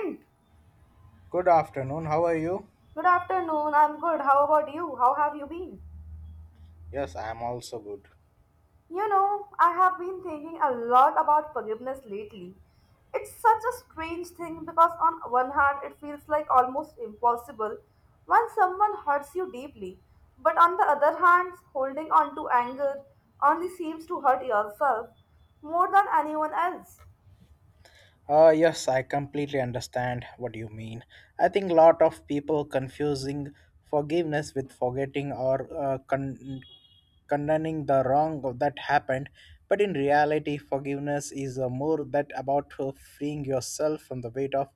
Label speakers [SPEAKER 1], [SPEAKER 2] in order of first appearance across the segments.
[SPEAKER 1] Good
[SPEAKER 2] Good afternoon. How are you?
[SPEAKER 1] afternoon. I'm good. How about you? How have you been?
[SPEAKER 2] Yes, I am also good.
[SPEAKER 1] You know, I have been thinking a lot about forgiveness lately. It's such a strange thing because, on one hand, it feels like almost impossible when someone hurts you deeply. But on the other hand, holding on to anger only seems to hurt yourself more than anyone else.
[SPEAKER 2] Yes, I completely understand what you mean. I think a lot of people confusing forgiveness with forgetting or condoning the wrong that happened. But in reality, forgiveness is more that about freeing yourself from the weight of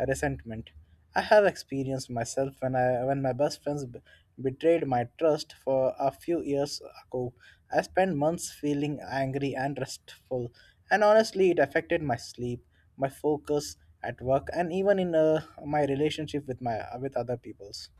[SPEAKER 2] resentment. I have experienced myself when I when my best friends betrayed my trust for a few years ago. I spent months feeling angry and restful, and honestly, it affected my sleep, my focus at work, and even in my relationship with my with other peoples.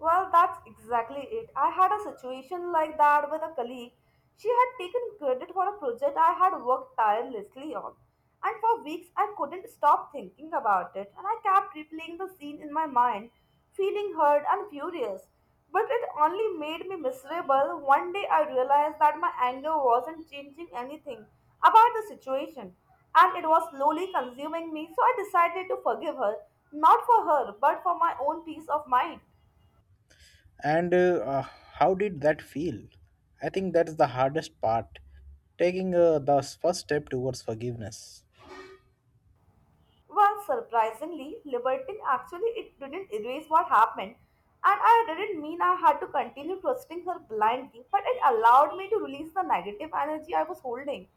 [SPEAKER 1] Well, that's exactly it. I had a situation like that with a colleague. She had taken credit for a project I had worked tirelessly on. And for weeks, I couldn't stop thinking about it, and I kept replaying the scene in my mind, feeling hurt and furious. But it only made me miserable. One day, I realized that my anger wasn't changing anything about the situation, and it was slowly consuming me, so I decided to forgive her, not for her, but for my own peace of mind.
[SPEAKER 2] And How did that feel? I think that's the hardest part, taking the first step towards forgiveness.
[SPEAKER 1] Well, surprisingly, liberty actually it didn't erase what happened, and I didn't mean I had to continue trusting her blindly, but it allowed me to release the negative energy I was holding.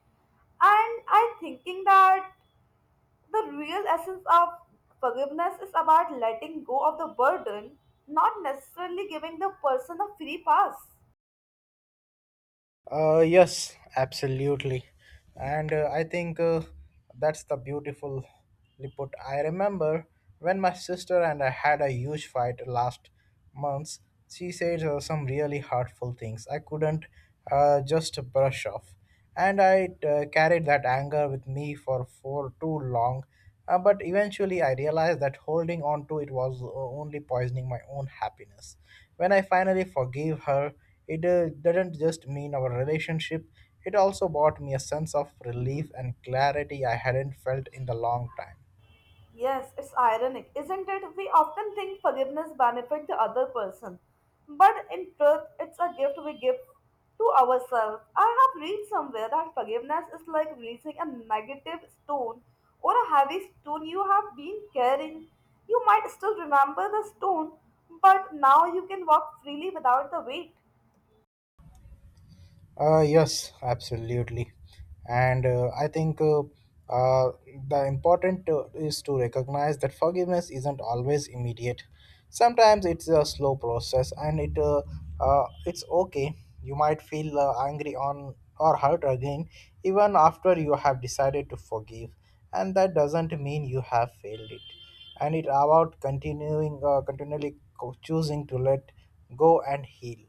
[SPEAKER 1] And I thinking that the real essence of forgiveness is about letting go of the burden, not necessarily giving the person a free pass.
[SPEAKER 2] Yes, absolutely. And I think That's the beautiful put. I remember when my sister and I had a huge fight last month. She said some really hurtful things I couldn't just brush off, and I carried that anger with me for too long. But eventually, I realized that holding on to it was only poisoning my own happiness. When I finally forgave her, it didn't just mean our relationship; it also brought me a sense of relief and clarity I hadn't felt in the long time.
[SPEAKER 1] Yes, it's ironic, isn't it? We often think forgiveness benefits the other person, but in truth, it's a gift we give to ourselves. I have read somewhere that forgiveness is like releasing a negative stone or a heavy stone you have been carrying. You might still remember the stone, but now you can walk freely without the weight.
[SPEAKER 2] Yes, absolutely. And I think uh, the important is to recognize that forgiveness isn't always immediate. Sometimes it's a slow process, and it's okay. You might feel angry on or hurt again, even after you have decided to forgive, and that doesn't mean you have failed it. And it's about continually choosing to let go and heal.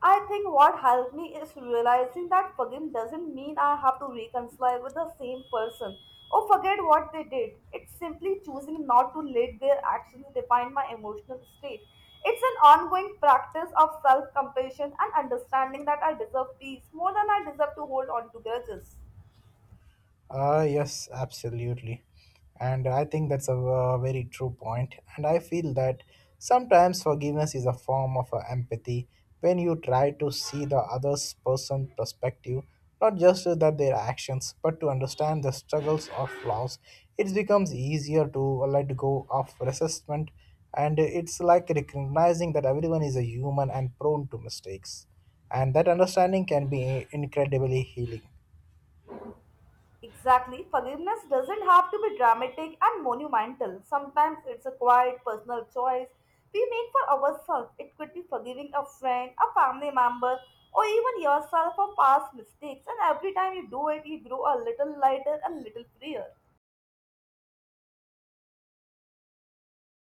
[SPEAKER 1] I think what helped me is realizing that forgiving doesn't mean I have to reconcile with the same person or forget what they did. It's simply choosing not to let their actions define my emotional state. It's an ongoing practice of self compassion and understanding that I deserve peace more than I deserve to hold on to grudges.
[SPEAKER 2] Yes, absolutely. And I think that's very true point. And I feel that sometimes forgiveness is a form of empathy when you try to see the other person's perspective, not just that their actions, but to understand the struggles or flaws. It becomes easier to let go of resentment, and it's like recognizing that everyone is a human and prone to mistakes. And that understanding can be incredibly healing.
[SPEAKER 1] Exactly. Forgiveness doesn't have to be dramatic and monumental. Sometimes it's a quiet personal choice we make for ourselves. It could be forgiving a friend, a family member, or even yourself for past mistakes. And every time you do it, you grow a little lighter, a little freer.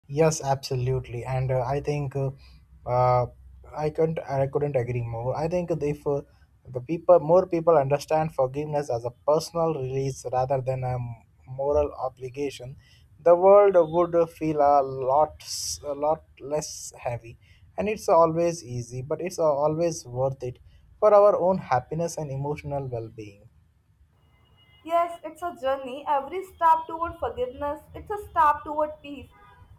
[SPEAKER 2] Yes, absolutely, and uh, I couldn't agree more. I think if the people more people understand forgiveness as a personal release rather than a moral obligation, the world would feel a lot less heavy. And it's always easy, but it's always worth it for our own happiness and emotional well-being.
[SPEAKER 1] Yes, it's a journey. Every step toward forgiveness, it's a step toward peace.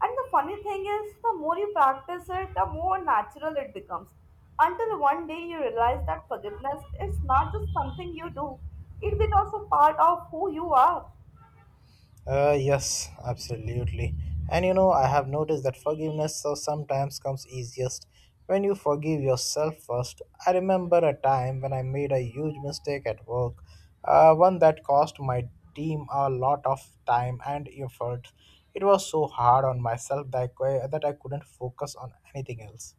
[SPEAKER 1] And the funny thing is, the more you practice it, the more natural it becomes. Until one day you realize that forgiveness is not just something you do, it becomes a part of who you are.
[SPEAKER 2] Yes, absolutely. And you know, I have noticed that forgiveness sometimes comes easiest when you forgive yourself first. I remember a time when I made a huge mistake at work, one that cost my team a lot of time and effort. It was so hard on myself that I couldn't focus on anything else.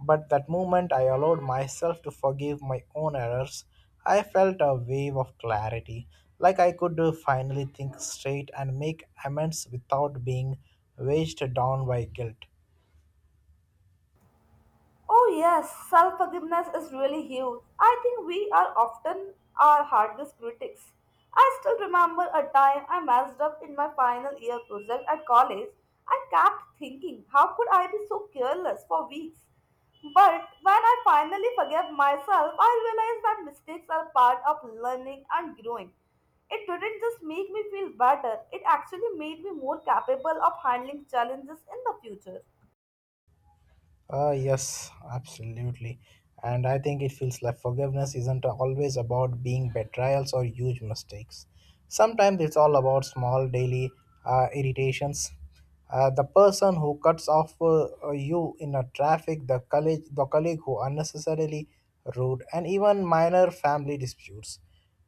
[SPEAKER 2] But that moment I allowed myself to forgive my own errors, I felt a wave of clarity, like I could finally think straight and make amends without being weighed down by guilt.
[SPEAKER 1] Oh yes, self-forgiveness is really huge. I think we are often our hardest critics. I still remember a time I messed up in my final year project at college. I kept thinking, how could I be so careless for weeks? But when I finally forgave myself, I realized that mistakes are part of learning and growing. It didn't just make me feel better, it actually made me more capable of handling challenges in the future.
[SPEAKER 2] Ah, yes, absolutely. And I think it feels like forgiveness isn't always about being betrayals or huge mistakes. Sometimes it's all about small daily irritations. The person who cuts off you in a traffic, the colleague who unnecessarily rude, and even minor family disputes.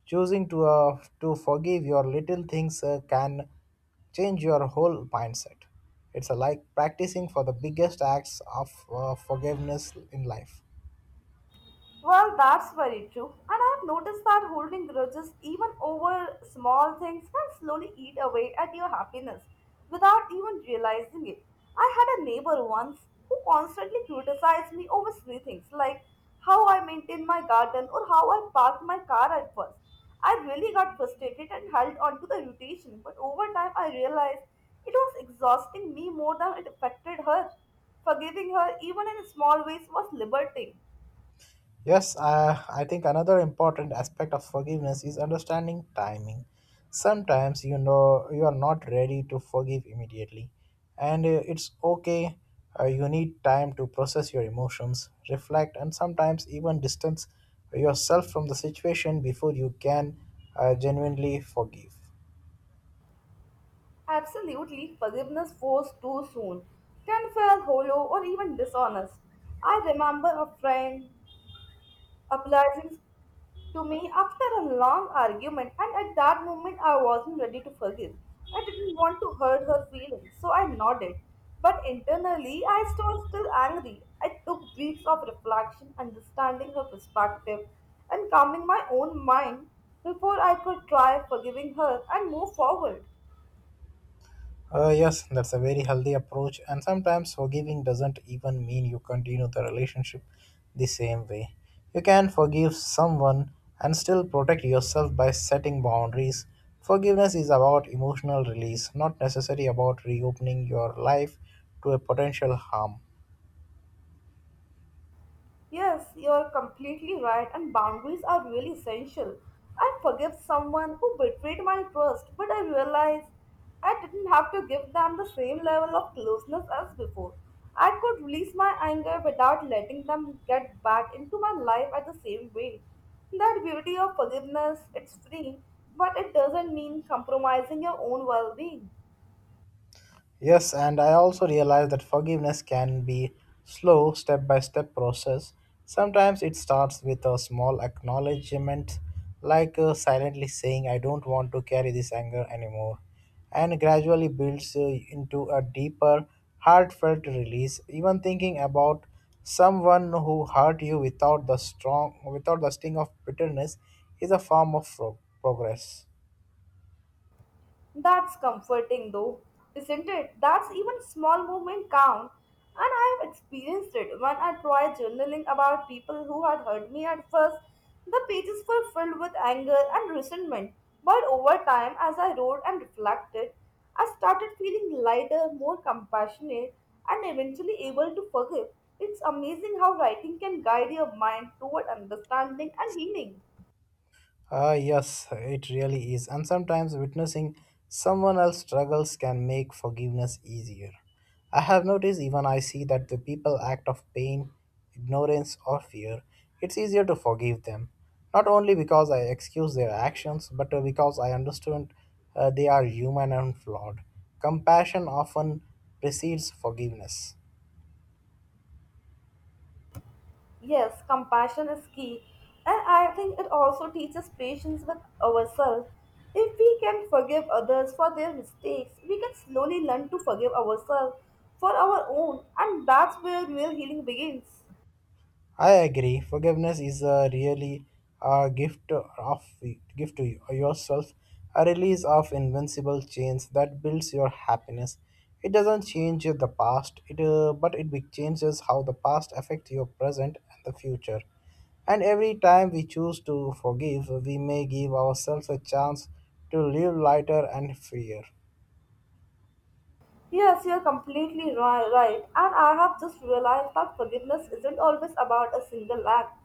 [SPEAKER 2] Choosing to forgive your little things can change your whole mindset. It's a like practicing for the biggest acts of forgiveness in life.
[SPEAKER 1] Well, that's very true. And I've noticed that holding grudges, even over small things, can slowly eat away at your happiness without even realizing it. I had a neighbor once who constantly criticized me over silly things like how I maintained my garden or how I parked my car at first. I really got frustrated and held on to the irritation, but over time I realized it was exhausting me more than it affected her. Forgiving her, even in small ways, was liberating.
[SPEAKER 2] Yes, I think another important aspect of forgiveness is understanding timing. Sometimes you know you are not ready to forgive immediately, and it's okay. You need time to process your emotions, reflect, and sometimes even distance yourself from the situation before you can genuinely forgive.
[SPEAKER 1] Absolutely, forgiveness forced too soon can feel hollow or even dishonest. I remember a friend apologizing to me after a long argument, and at that moment I wasn't ready to forgive. I didn't want to hurt her feelings, so I nodded. But internally, I was still angry. I took weeks of reflection, understanding her perspective, and calming my own mind before I could try forgiving her and move forward.
[SPEAKER 2] Yes, that's a very healthy approach, and sometimes forgiving doesn't even mean you continue the relationship the same way. You can forgive someone and still protect yourself by setting boundaries. Forgiveness is about emotional release, not necessarily about reopening your life to a potential harm.
[SPEAKER 1] Yes, you're completely right, and boundaries are really essential. I forgive someone who betrayed my trust, but I realized I didn't have to give them the same level of closeness as before. I could release my anger without letting them get back into my life at the same way. That beauty of forgiveness, it's free, but it doesn't mean compromising your own well being.
[SPEAKER 2] Yes, and I also realize that forgiveness can be slow, step by step process. Sometimes it starts with a small acknowledgement, like silently saying, I don't want to carry this anger anymore, and gradually builds into a deeper, heartfelt release. Even thinking about someone who hurt you without the sting of bitterness is a form of progress.
[SPEAKER 1] That's comforting though, isn't it? That's even small movement count. And I have experienced it when I tried journaling about people who had hurt me at first. The pages were filled with anger and resentment, but over time, as I wrote and reflected, I started feeling lighter, more compassionate, and eventually able to forgive. It's amazing how writing can guide your mind toward understanding and healing.
[SPEAKER 2] Ah, yes, it really is. And sometimes witnessing someone else's struggles can make forgiveness easier. I have noticed even I see that the people act of pain, ignorance, or fear, it's easier to forgive them. Not only because I excuse their actions, but because I understand they are human and flawed. Compassion often precedes forgiveness.
[SPEAKER 1] Yes, compassion is key, and I think it also teaches patience with ourselves. If we can forgive others for their mistakes, we can slowly learn to forgive ourselves for our own, and that's where real healing begins.
[SPEAKER 2] I agree. Forgiveness is a really a gift to you, yourself, a release of invincible chains that builds your happiness. It doesn't change the past, it but changes how the past affects your present and the future. And every time we choose to forgive, we may give ourselves a chance to live lighter and freer.
[SPEAKER 1] Yes, you're completely right. And I have just realized that forgiveness isn't always about a single act.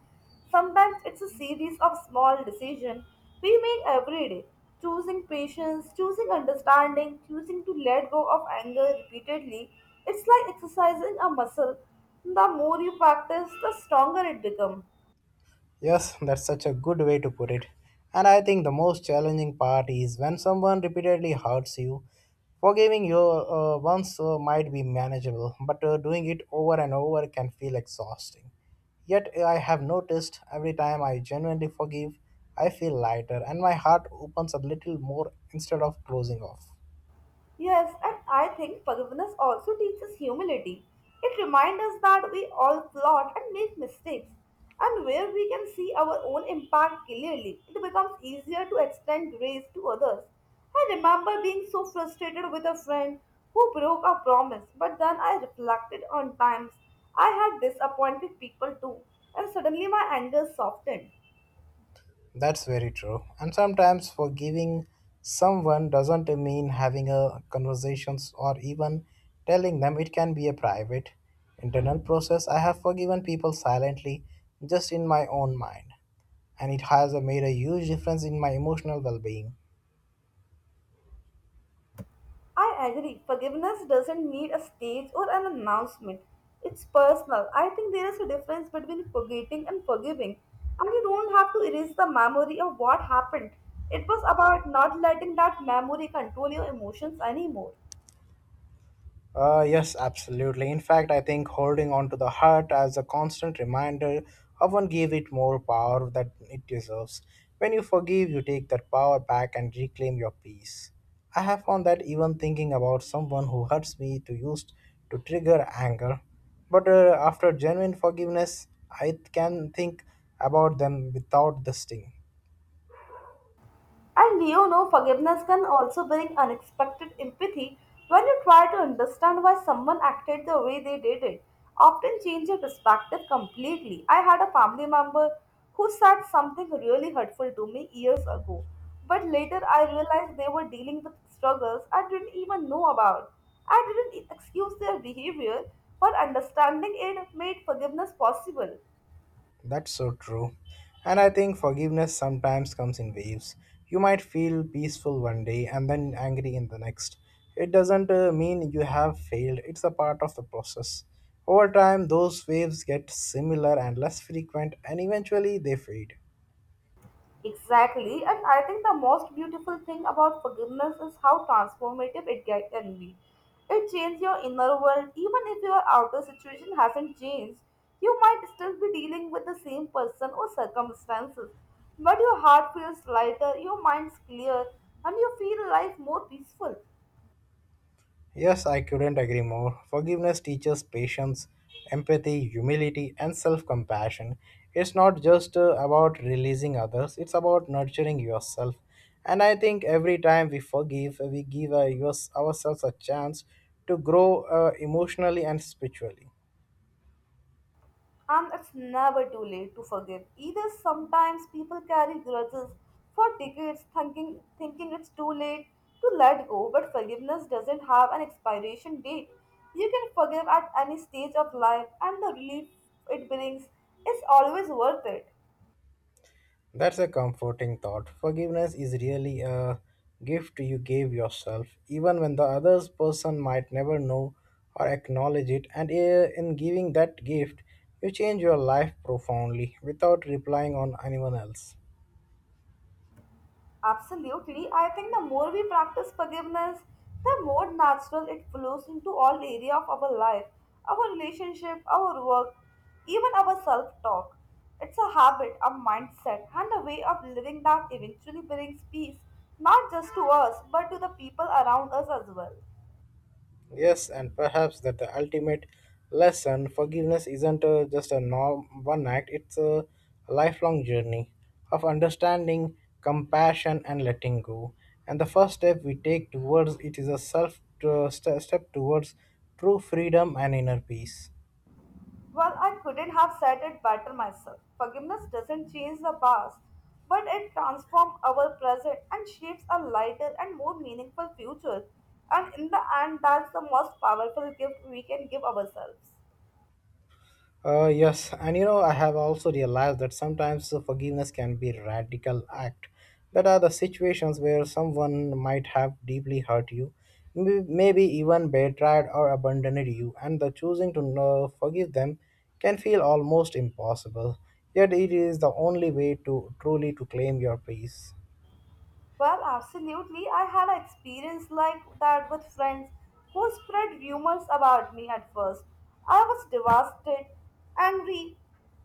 [SPEAKER 1] Sometimes it's a series of small decisions we make every day. Choosing patience, choosing understanding, choosing to let go of anger repeatedly. It's like exercising a muscle. The more you practice, the stronger it becomes.
[SPEAKER 2] Yes, that's such a good way to put it. And I think the most challenging part is when someone repeatedly hurts you. Forgiving you once might be manageable, but doing it over and over can feel exhausting. Yet I have noticed every time I genuinely forgive, I feel lighter and my heart opens a little more instead of closing off.
[SPEAKER 1] Yes, and I think forgiveness also teaches humility. It reminds us that we all plot and make mistakes, and where we can see our own impact clearly, it becomes easier to extend grace to others. I remember being so frustrated with a friend who broke a promise, but then I reflected on times I had disappointed people too, and suddenly my anger softened.
[SPEAKER 2] That's very true. And sometimes forgiving someone doesn't mean having a conversations or even telling them it can be a private internal process. I have forgiven people silently just in my own mind, and it has made a huge difference in my emotional well-being.
[SPEAKER 1] I agree. Forgiveness doesn't need a stage or an announcement. It's personal. I think there is a difference between forgetting and forgiving. And you don't have to erase the memory of what happened. It was about not letting that memory control your emotions anymore.
[SPEAKER 2] Yes, absolutely. In fact, I think holding on to the heart as a constant reminder often give it more power that it deserves. When you forgive, you take that power back and reclaim your peace. I have found that even thinking about someone who hurts me to trigger anger, but after genuine forgiveness, I can think about them without the sting.
[SPEAKER 1] And you know, forgiveness can also bring unexpected empathy when you try to understand why someone acted the way they did it. Often change your perspective completely. I had a family member who said something really hurtful to me years ago, but later I realized they were dealing with struggles I didn't even know about. I didn't excuse their behavior, but understanding it made forgiveness possible.
[SPEAKER 2] That's so true. And I think forgiveness sometimes comes in waves. You might feel peaceful one day and then angry in the next. It doesn't mean you have failed, it's a part of the process. Over time, those waves get similar and less frequent, and eventually they fade.
[SPEAKER 1] Exactly, and I think the most beautiful thing about forgiveness is how transformative it can be. It changes your inner world, even if your outer situation hasn't changed. You might still be dealing with the same person or circumstances, but your heart feels lighter, your mind's clear, and you feel life more peaceful.
[SPEAKER 2] Yes, I couldn't agree more. Forgiveness teaches patience, empathy, humility, and self compassion. It's not just about releasing others, it's about nurturing yourself. And I think every time we forgive, we give ourselves a chance to grow emotionally and spiritually.
[SPEAKER 1] And it's never too late to forgive. Either sometimes people carry grudges for decades thinking it's too late to let go, but forgiveness doesn't have an expiration date. You can forgive at any stage of life and the relief it brings is always worth it.
[SPEAKER 2] That's a comforting thought. Forgiveness is really a gift you gave yourself, even when the other person might never know or acknowledge it. And in giving that gift, you change your life profoundly without relying on anyone else.
[SPEAKER 1] Absolutely. I think the more we practice forgiveness, the more natural it flows into all area of our life, our relationship, our work, even our self-talk. It's a habit, a mindset, and a way of living that eventually brings peace, not just to us, but to the people around us as well.
[SPEAKER 2] Yes, and perhaps that the ultimate lesson forgiveness isn't just a norm, one act, it's a lifelong journey of understanding, compassion, and letting go. And the first step we take towards it is a self step towards true freedom and inner peace.
[SPEAKER 1] Well, I couldn't have said it better myself. Forgiveness doesn't change the past, but it transforms our present and shapes a lighter and more meaningful future. And in the end, that's the most powerful gift we can give ourselves.
[SPEAKER 2] Yes, and you know, I have also realized that sometimes the forgiveness can be a radical act. That are the situations where someone might have deeply hurt you, maybe even betrayed or abandoned you, and the choosing to know, forgive them can feel almost impossible. Yet it is the only way to truly to claim your peace.
[SPEAKER 1] Well, absolutely. I had an experience like that with friends who spread rumors about me at first. I was devastated, angry,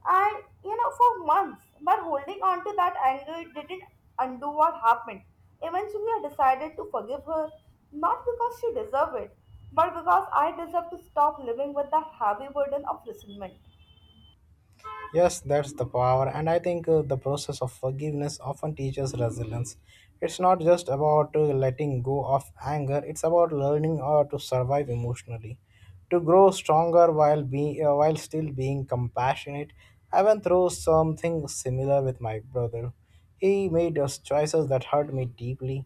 [SPEAKER 1] and you know, for months. But holding on to that anger didn't undo what happened. Eventually, I decided to forgive her, not because she deserved it, but because I deserve to stop living with that heavy burden of resentment.
[SPEAKER 2] Yes, that's the power, and I think the process of forgiveness often teaches resilience. It's not just about letting go of anger; it's about learning to survive emotionally, to grow stronger while still being compassionate. I went through something similar with my brother. He made us choices that hurt me deeply,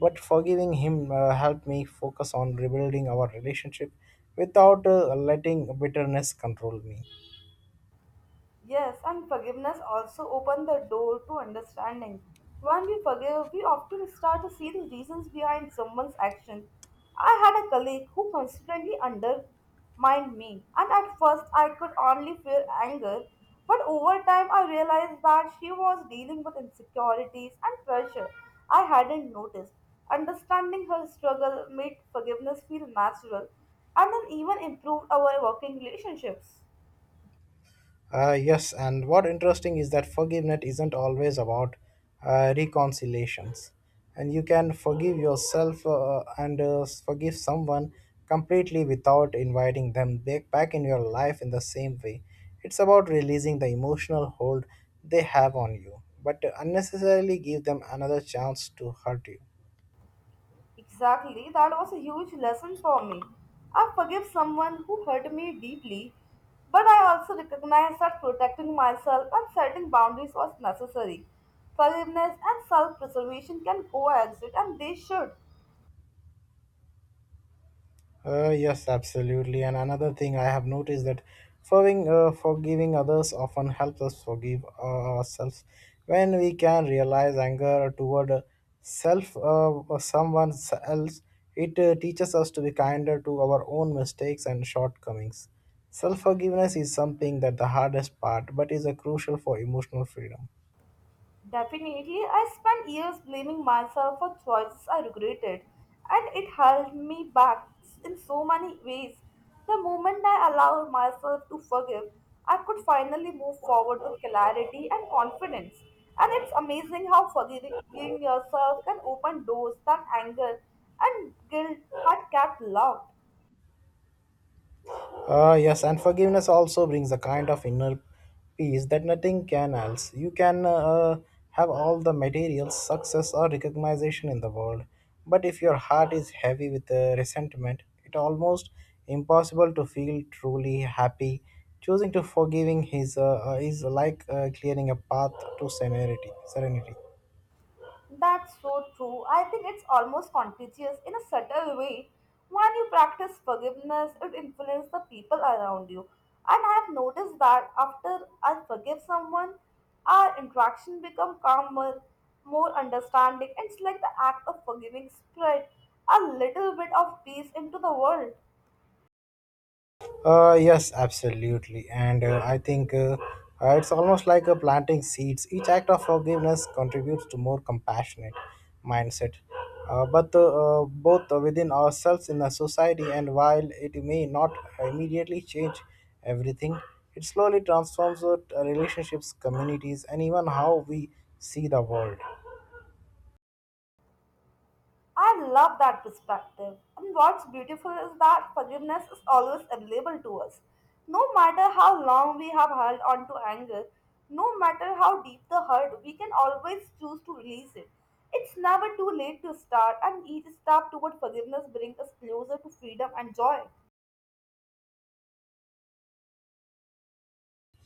[SPEAKER 2] but forgiving him helped me focus on rebuilding our relationship without letting bitterness control me.
[SPEAKER 1] Yes, and forgiveness also opens the door to understanding. When we forgive, we often start to see the reasons behind someone's action. I had a colleague who constantly undermined me, and at first I could only feel anger, but over time I realized that she was dealing with insecurities and pressure I hadn't noticed. Understanding her struggle made forgiveness feel natural and then even improved our working relationships.
[SPEAKER 2] Yes, and what interesting is that forgiveness isn't always about reconciliations, and you can forgive yourself and forgive someone completely without inviting them back in your life in the same way. It's about releasing the emotional hold they have on you, but unnecessarily give them another chance to hurt you.
[SPEAKER 1] Exactly, that was a huge lesson for me. I forgive someone who hurt me deeply, but I also recognize that protecting myself and setting boundaries was necessary. Forgiveness and self preservation can coexist, and they should.
[SPEAKER 2] Yes, absolutely. And another thing I have noticed that forgiving others often helps us forgive ourselves when we can realize anger toward self or someone else. It teaches us to be kinder to our own mistakes and shortcomings. Self forgiveness is something that the hardest part, but is a crucial for emotional freedom.
[SPEAKER 1] Definitely, I spent years blaming myself for choices I regretted, and it held me back in so many ways. The moment I allowed myself to forgive, I could finally move forward with clarity and confidence. And it's amazing how forgiving yourself can open doors that anger and guilt had kept locked.
[SPEAKER 2] Yes, and forgiveness also brings a kind of inner peace that nothing can else. You can have all the material success or recognition in the world, but if your heart is heavy with resentment, it almost impossible to feel truly happy. Choosing to forgiving his is like clearing a path to serenity. Serenity.
[SPEAKER 1] That's so true. I think it's almost contagious in a subtle way. When you practice forgiveness, it influences the people around you. And I have noticed that after I forgive someone, our interaction become calmer, more understanding. It's like the act of forgiving spread a little bit of peace into the world.
[SPEAKER 2] Yes, absolutely. And I think it's almost like planting seeds. Each act of forgiveness contributes to more compassionate mindset, but both within ourselves in the society. And while it may not immediately change everything, it slowly transforms our relationships, communities, and even how we see the world.
[SPEAKER 1] I love that perspective. And what's beautiful is that forgiveness is always available to us. No matter how long we have held on to anger, no matter how deep the hurt, we can always choose to release it. It's never too late to start, and each step toward forgiveness brings us closer to freedom and joy.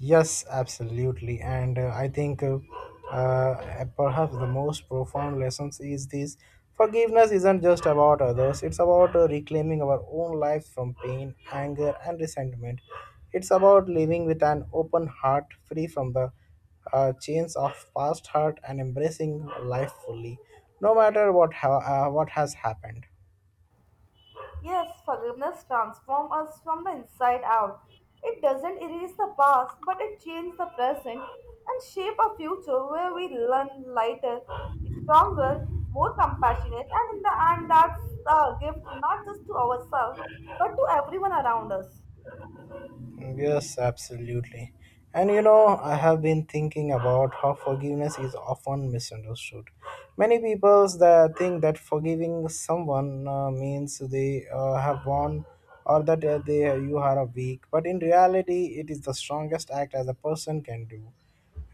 [SPEAKER 2] Yes, absolutely. And I think perhaps the most profound lessons is this forgiveness isn't just about others, it's about reclaiming our own lives from pain, anger, and resentment. It's about living with an open heart, free from the chains of past hurt, and embracing life fully, no matter what, what has happened.
[SPEAKER 1] Yes, forgiveness transforms us from the inside out. It doesn't erase the past, but it changes the present and shape a future where we learn lighter, stronger, more compassionate, and in the end, that's the gift not just to ourselves, but to everyone around us.
[SPEAKER 2] Yes, absolutely. And you know, I have been thinking about how forgiveness is often misunderstood. Many people that think that forgiving someone means they have won or that they you are a weak, but in reality, it is the strongest act as a person can do,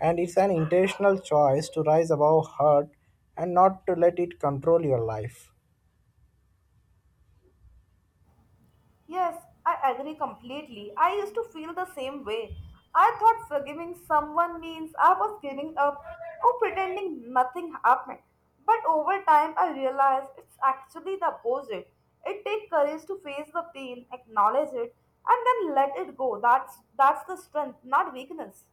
[SPEAKER 2] and it's an intentional choice to rise above hurt and not to let it control your life.
[SPEAKER 1] Yes, I agree completely. I used to feel the same way. I thought forgiving someone means I was giving up or pretending nothing happened. But over time, I realized it's actually the opposite. It takes courage to face the pain, acknowledge it, and then let it go. That's the strength, not weakness.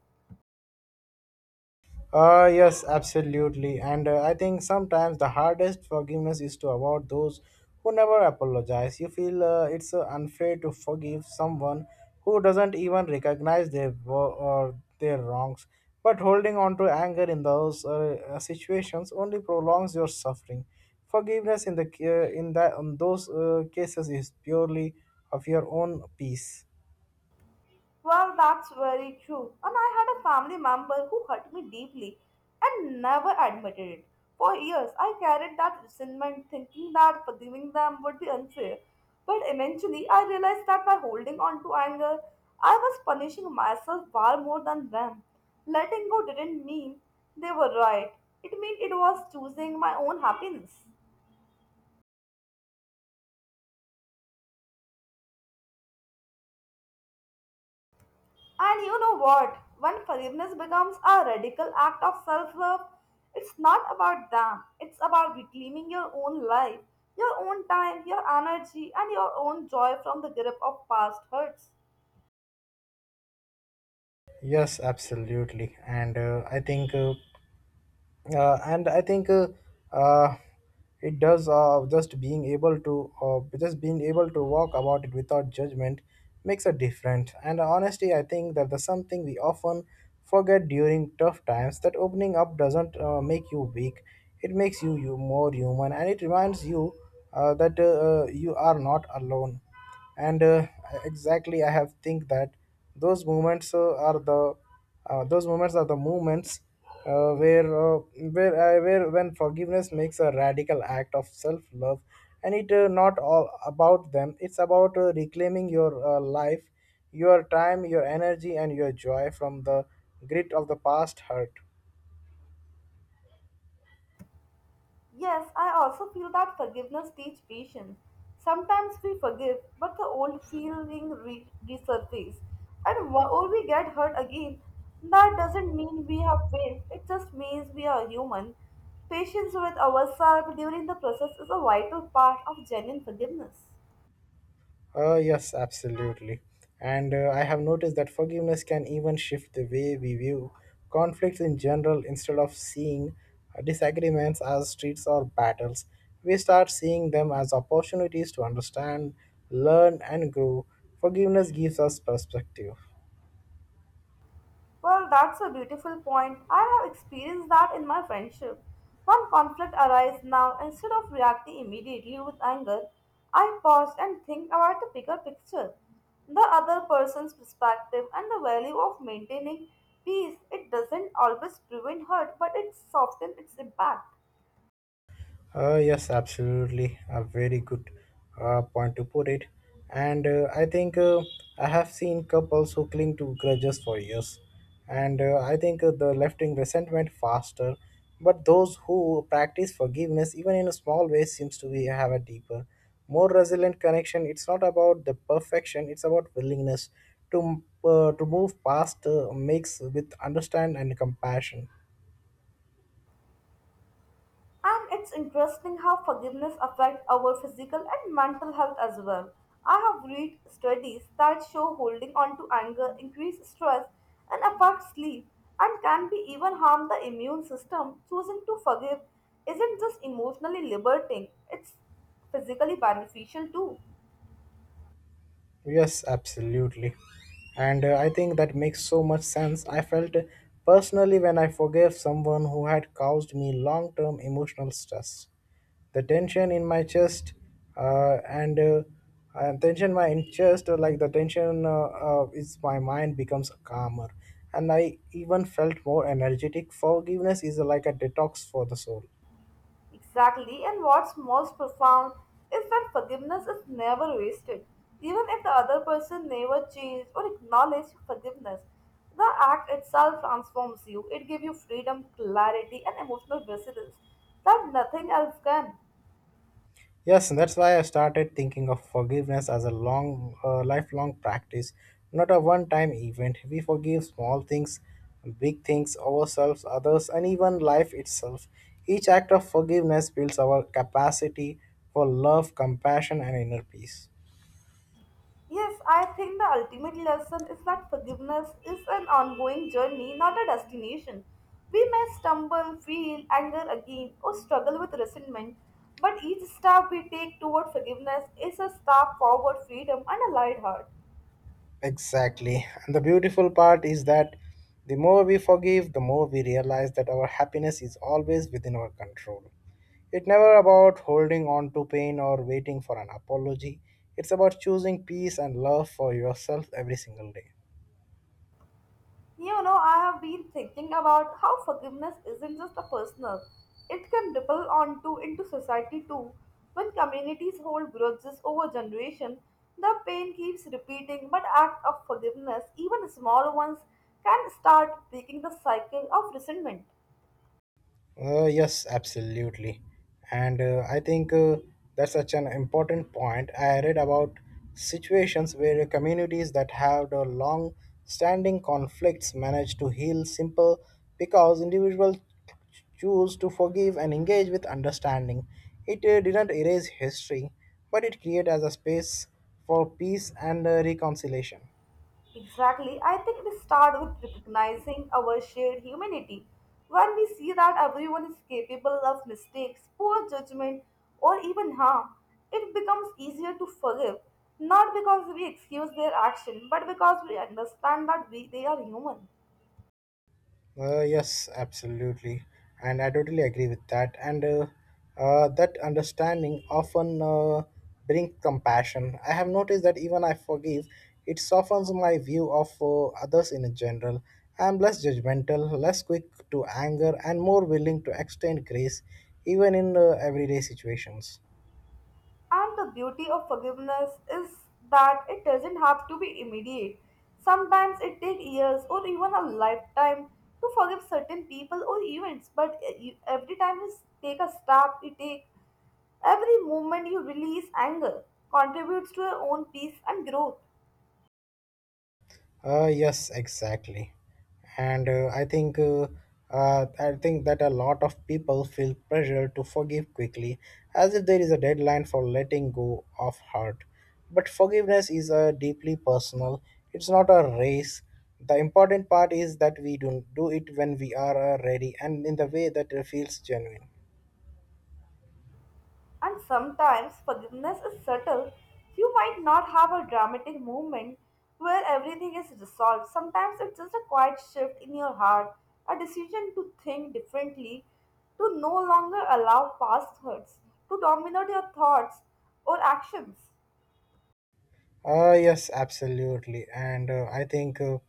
[SPEAKER 2] Yes, absolutely. And I think sometimes the hardest forgiveness is to award those who never apologize. You feel it's unfair to forgive someone who doesn't even recognize their or their wrongs. But holding on to anger in those situations only prolongs your suffering. Forgiveness in the in that in those cases is purely of your own peace.
[SPEAKER 1] Well, that's very true. And I had a family member who hurt me deeply and never admitted it. For years, I carried that resentment, thinking that forgiving them would be unfair. But eventually, I realized that by holding on to anger, I was punishing myself far more than them. Letting go didn't mean they were right, it meant it was choosing my own happiness. And you know what? When forgiveness becomes a radical act of self love, it's not about them, it's about reclaiming your own life, your own time, your energy, and your own joy from the grip of past hurts.
[SPEAKER 2] Yes, absolutely. And I think. And I think uh, it does just being able to just being able to walk about it without judgment makes a difference. And honestly, I think that there's something we often forget during tough times that opening up doesn't make you weak. It makes you more human, and it reminds you that you are not alone and exactly I have think that those moments are the. Those moments are the moments uh, where uh, where I where when forgiveness makes a radical act of self love and it not all about them, it's about reclaiming your life, your time, your energy, and your joy from the grit of the past hurt.
[SPEAKER 1] Yes, I also feel that forgiveness teaches patience. Sometimes we forgive, but the old feeling resurfaces, and or we get hurt again. That doesn't mean we have failed. It just means we are human. Patience with ourselves during the process is a vital part of genuine forgiveness.
[SPEAKER 2] Yes, absolutely. And I have noticed that forgiveness can even shift the way we view conflicts in general. Instead of seeing disagreements as streets or battles, we start seeing them as opportunities to understand, learn, and grow. Forgiveness gives us perspective.
[SPEAKER 1] Well, that's a beautiful point. I have experienced that in my friendship. One conflict arises now, instead of reacting immediately with anger, I pause and think about the bigger picture, the other person's perspective, and the value of maintaining peace. It doesn't always prevent hurt, but it softens its impact.
[SPEAKER 2] Yes, absolutely. A very good point to put it. And I think I have seen couples who cling to grudges for years. And I think the lifting resentment faster. But those who practice forgiveness, even in a small way, seems to be have a deeper, more resilient connection. It's not about the perfection. It's about willingness to move past mix with understand and compassion.
[SPEAKER 1] And it's interesting how forgiveness affects our physical and mental health as well. I have read studies that show holding on to anger increases stress and affects sleep and can be even harm the immune system. Choosing to forgive isn't just emotionally liberating, it's physically beneficial too.
[SPEAKER 2] Yes, absolutely. And I think that makes so much sense. I felt personally when I forgave someone who had caused me long term emotional stress. The tension in my chest and tension my in chest, like the tension is my mind becomes calmer. And I even felt more energetic. Forgiveness is like a detox for the soul.
[SPEAKER 1] Exactly, and what's most profound is that forgiveness is never wasted. Even if the other person never changed or acknowledged forgiveness, the act itself transforms you. It gives you freedom, clarity, and emotional resilience that nothing else can.
[SPEAKER 2] Yes, and that's why I started thinking of forgiveness as a lifelong practice, not a one time event. We forgive small things, big things, ourselves, others, and even life itself. Each act of forgiveness builds our capacity for love, compassion, and inner peace.
[SPEAKER 1] Yes, I think the ultimate lesson is that forgiveness is an ongoing journey, not a destination. We may stumble, feel anger again, or struggle with resentment, but each step we take toward forgiveness is a step forward freedom and a light heart.
[SPEAKER 2] Exactly. And the beautiful part is that the more we forgive, the more we realize that our happiness is always within our control. It's never about holding on to pain or waiting for an apology. It's about choosing peace and love for yourself every single day.
[SPEAKER 1] You know, I have been thinking about how forgiveness isn't just a personal, it can ripple on to into society too. When communities hold grudges over generation, the pain keeps repeating, but act of forgiveness, even small ones, can start breaking the cycle of resentment.
[SPEAKER 2] Yes, absolutely. And I think that's such an important point. I read about situations where communities that have the long standing conflicts manage to heal simple because individuals choose to forgive and engage with understanding. It didn't erase history, but it created as a space for peace and reconciliation.
[SPEAKER 1] Exactly. I think it starts with recognizing our shared humanity. When we see that everyone is capable of mistakes, poor judgment, or even harm, it becomes easier to forgive, not because we excuse their action, but because we understand that we, they are human.
[SPEAKER 2] Yes, absolutely, and I totally agree with that. And that understanding often brings compassion. I have noticed that even I forgive, it softens my view of others in general. I am less judgmental, less quick to anger, and more willing to extend grace, even in everyday situations.
[SPEAKER 1] And the beauty of forgiveness is that it doesn't have to be immediate. Sometimes it takes years or even a lifetime to forgive certain people or events, but every time you take a step, you take every moment you release anger contributes to your own peace and growth.
[SPEAKER 2] Yes, exactly. And I think that a lot of people feel pressure to forgive quickly, as if there is a deadline for letting go of hurt. But forgiveness is deeply personal. It's not a race. The important part is that we do do it when we are ready and in the way that feels genuine.
[SPEAKER 1] And sometimes forgiveness is subtle. You might not have a dramatic moment where everything is resolved. Sometimes it's just a quiet shift in your heart, a decision to think differently, to no longer allow past hurts to dominate your thoughts or actions.
[SPEAKER 2] Yes, absolutely. And I think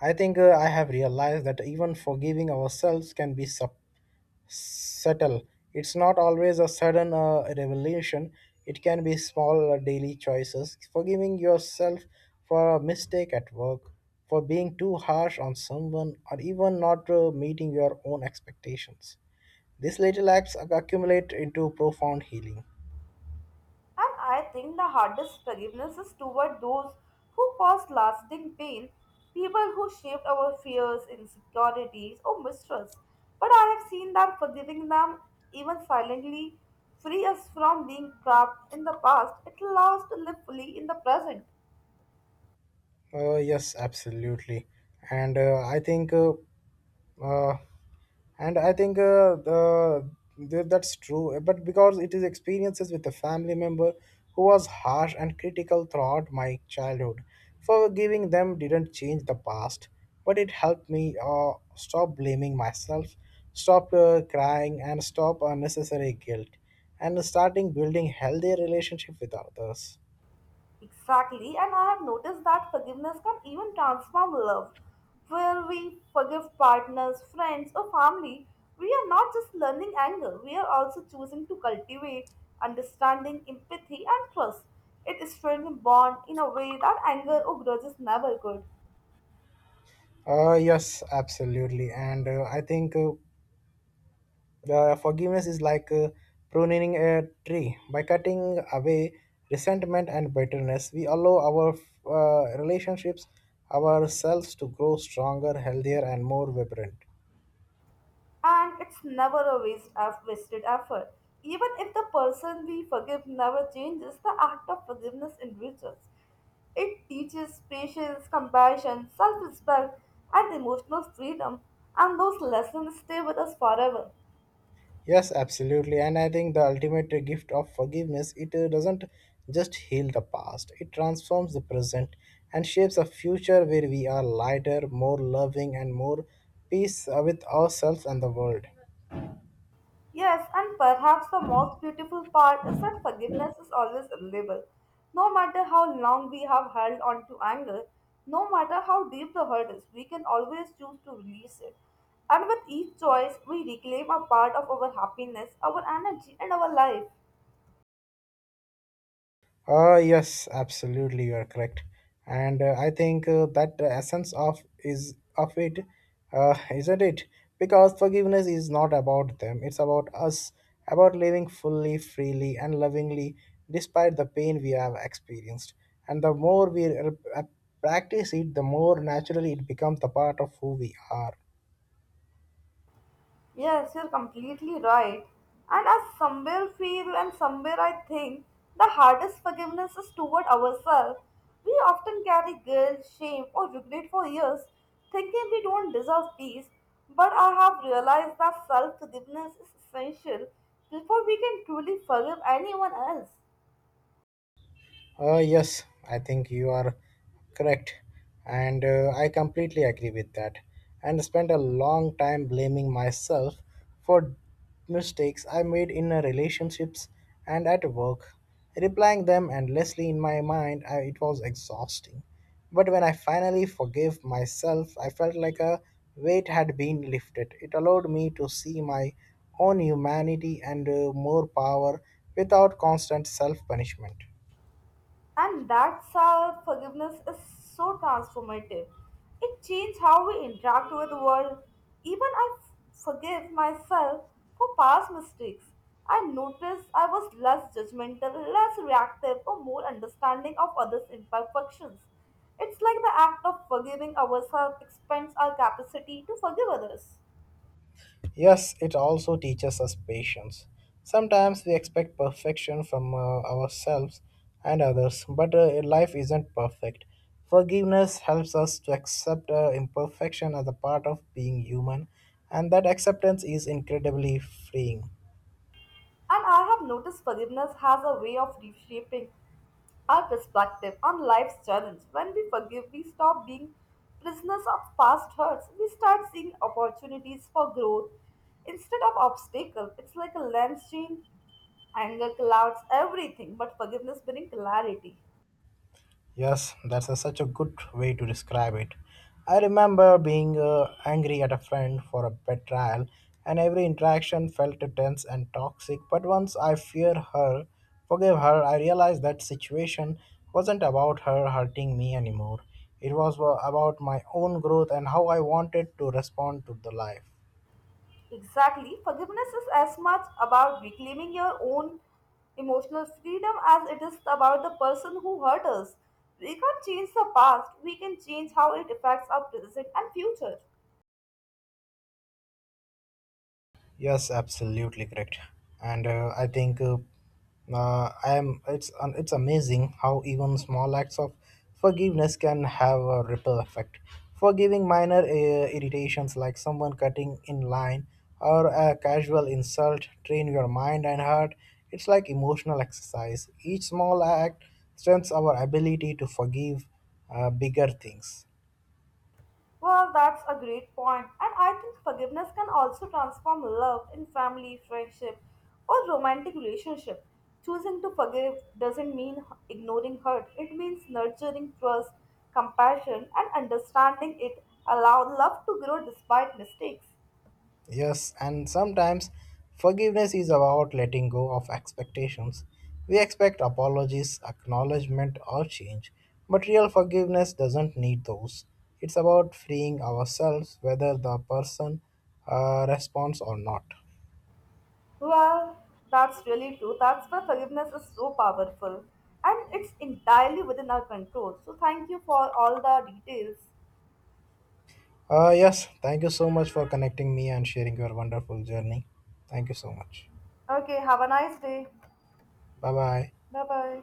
[SPEAKER 2] I think I have realized that even forgiving ourselves can be subtle. It's not always a sudden revelation. It can be small daily choices, forgiving yourself for a mistake at work, for being too harsh on someone, or even not meeting your own expectations. These little acts accumulate into profound healing.
[SPEAKER 1] And I think the hardest forgiveness is toward those who cause lasting pain, people who shaped our fears, insecurities, or mistrust. But I have seen that forgiving them, even silently, free us from being trapped in the past. It allows us to live fully in the present.
[SPEAKER 2] Yes, absolutely. And I think, uh, and I think the that's true. But because it is experiences with a family member who was harsh and critical throughout my childhood, forgiving them didn't change the past, but it helped me stop blaming myself, stop crying, and stop unnecessary guilt, and starting building healthier relationship with others.
[SPEAKER 1] Exactly, and I have noticed that forgiveness can even transform love. Where we forgive partners, friends, or family, we are not just learning anger, we are also choosing to cultivate understanding, empathy, and trust. It strengthens bond in a way that anger or grudges never could.
[SPEAKER 2] Yes, absolutely. And I think forgiveness is like pruning a tree. By cutting away resentment and bitterness, we allow our relationships, ourselves to grow stronger, healthier, and more vibrant.
[SPEAKER 1] And it's never a waste of wasted effort. Even if the person we forgive never changes, the act of forgiveness enriches. It teaches patience, compassion, self respect, and emotional freedom, and those lessons stay with us forever.
[SPEAKER 2] Yes, absolutely. And I think the ultimate gift of forgiveness, it doesn't just heal the past, it transforms the present and shapes a future where we are lighter, more loving, and more peace with ourselves and the world.
[SPEAKER 1] Yes, and perhaps the most beautiful part is that forgiveness is always available. No matter how long we have held on to anger, no matter how deep the hurt is, we can always choose to release it. And with each choice, we reclaim a part of our happiness, our energy, and our life.
[SPEAKER 2] Yes, absolutely, you are correct, and I think that the essence of is of it, isn't it? Because forgiveness is not about them; it's about us, about living fully, freely, and lovingly, despite the pain we have experienced. And the more we practice it, the more naturally it becomes the part of who we are.
[SPEAKER 1] Yes, you're completely right. And as somewhere feel and somewhere I think the hardest forgiveness is toward ourselves. We often carry guilt, shame, or regret for years, thinking we don't deserve peace. But I have realized that self forgiveness is essential before we can truly forgive anyone else.
[SPEAKER 2] Yes, I think you are correct, and I completely agree with that. And spent a long time blaming myself for mistakes I made in relationships and at work. Replying them endlessly in my mind. It was exhausting. But when I finally forgave myself, I felt like a weight had been lifted. It allowed me to see my own humanity and more power without constant self punishment.
[SPEAKER 1] And that's how forgiveness is so transformative. It changes how we interact with the world. Even forgive myself for past mistakes. I notice I was less judgmental, less reactive, or more understanding of others' imperfections. It's like the act of forgiving ourselves expands our capacity to forgive others.
[SPEAKER 2] Yes, it also teaches us patience. Sometimes we expect perfection from ourselves and others, but life isn't perfect. Forgiveness helps us to accept imperfection as a part of being human, and that acceptance is incredibly freeing.
[SPEAKER 1] And I have noticed forgiveness has a way of reshaping our perspective on life's challenge when we forgive, we stop being prisoners of past hurts. We start seeing opportunities for growth instead of obstacles. It's like a lens change. Anger clouds everything, but forgiveness brings clarity.
[SPEAKER 2] Yes, such a good way to describe it. I remember being angry at a friend for a betrayal, and every interaction felt tense and toxic. But once I forgave her, I realized that situation wasn't about her hurting me anymore. It was about my own growth and how I wanted to respond to the life.
[SPEAKER 1] Exactly. Forgiveness is as much about reclaiming your own emotional freedom as it is about the person who hurt us. We can't change the past, we can change how it affects our present and future.
[SPEAKER 2] Yes, absolutely correct. And I think I am. It's amazing how even small acts of forgiveness can have a ripple effect. Forgiving minor irritations like someone cutting in line or a casual insult train your mind and heart. It's like emotional exercise. Each small act strengthens our ability to forgive bigger things.
[SPEAKER 1] Well, that's a great point, and I think forgiveness can also transform love in family, friendship, or romantic relationship. Choosing to forgive doesn't mean ignoring hurt, it means nurturing trust, compassion, and understanding it allow love to grow despite mistakes.
[SPEAKER 2] Yes, and sometimes forgiveness is about letting go of expectations. We expect apologies, acknowledgement, or change, but real forgiveness doesn't need those. It's about freeing ourselves whether the person responds or not.
[SPEAKER 1] Well, that's really true. That's why forgiveness is so powerful, and it's entirely within our control. So, thank you for all the details.
[SPEAKER 2] Yes, thank you so much for connecting me and sharing your wonderful journey. Thank you so much.
[SPEAKER 1] Okay, have a nice day.
[SPEAKER 2] Bye bye.
[SPEAKER 1] Bye bye.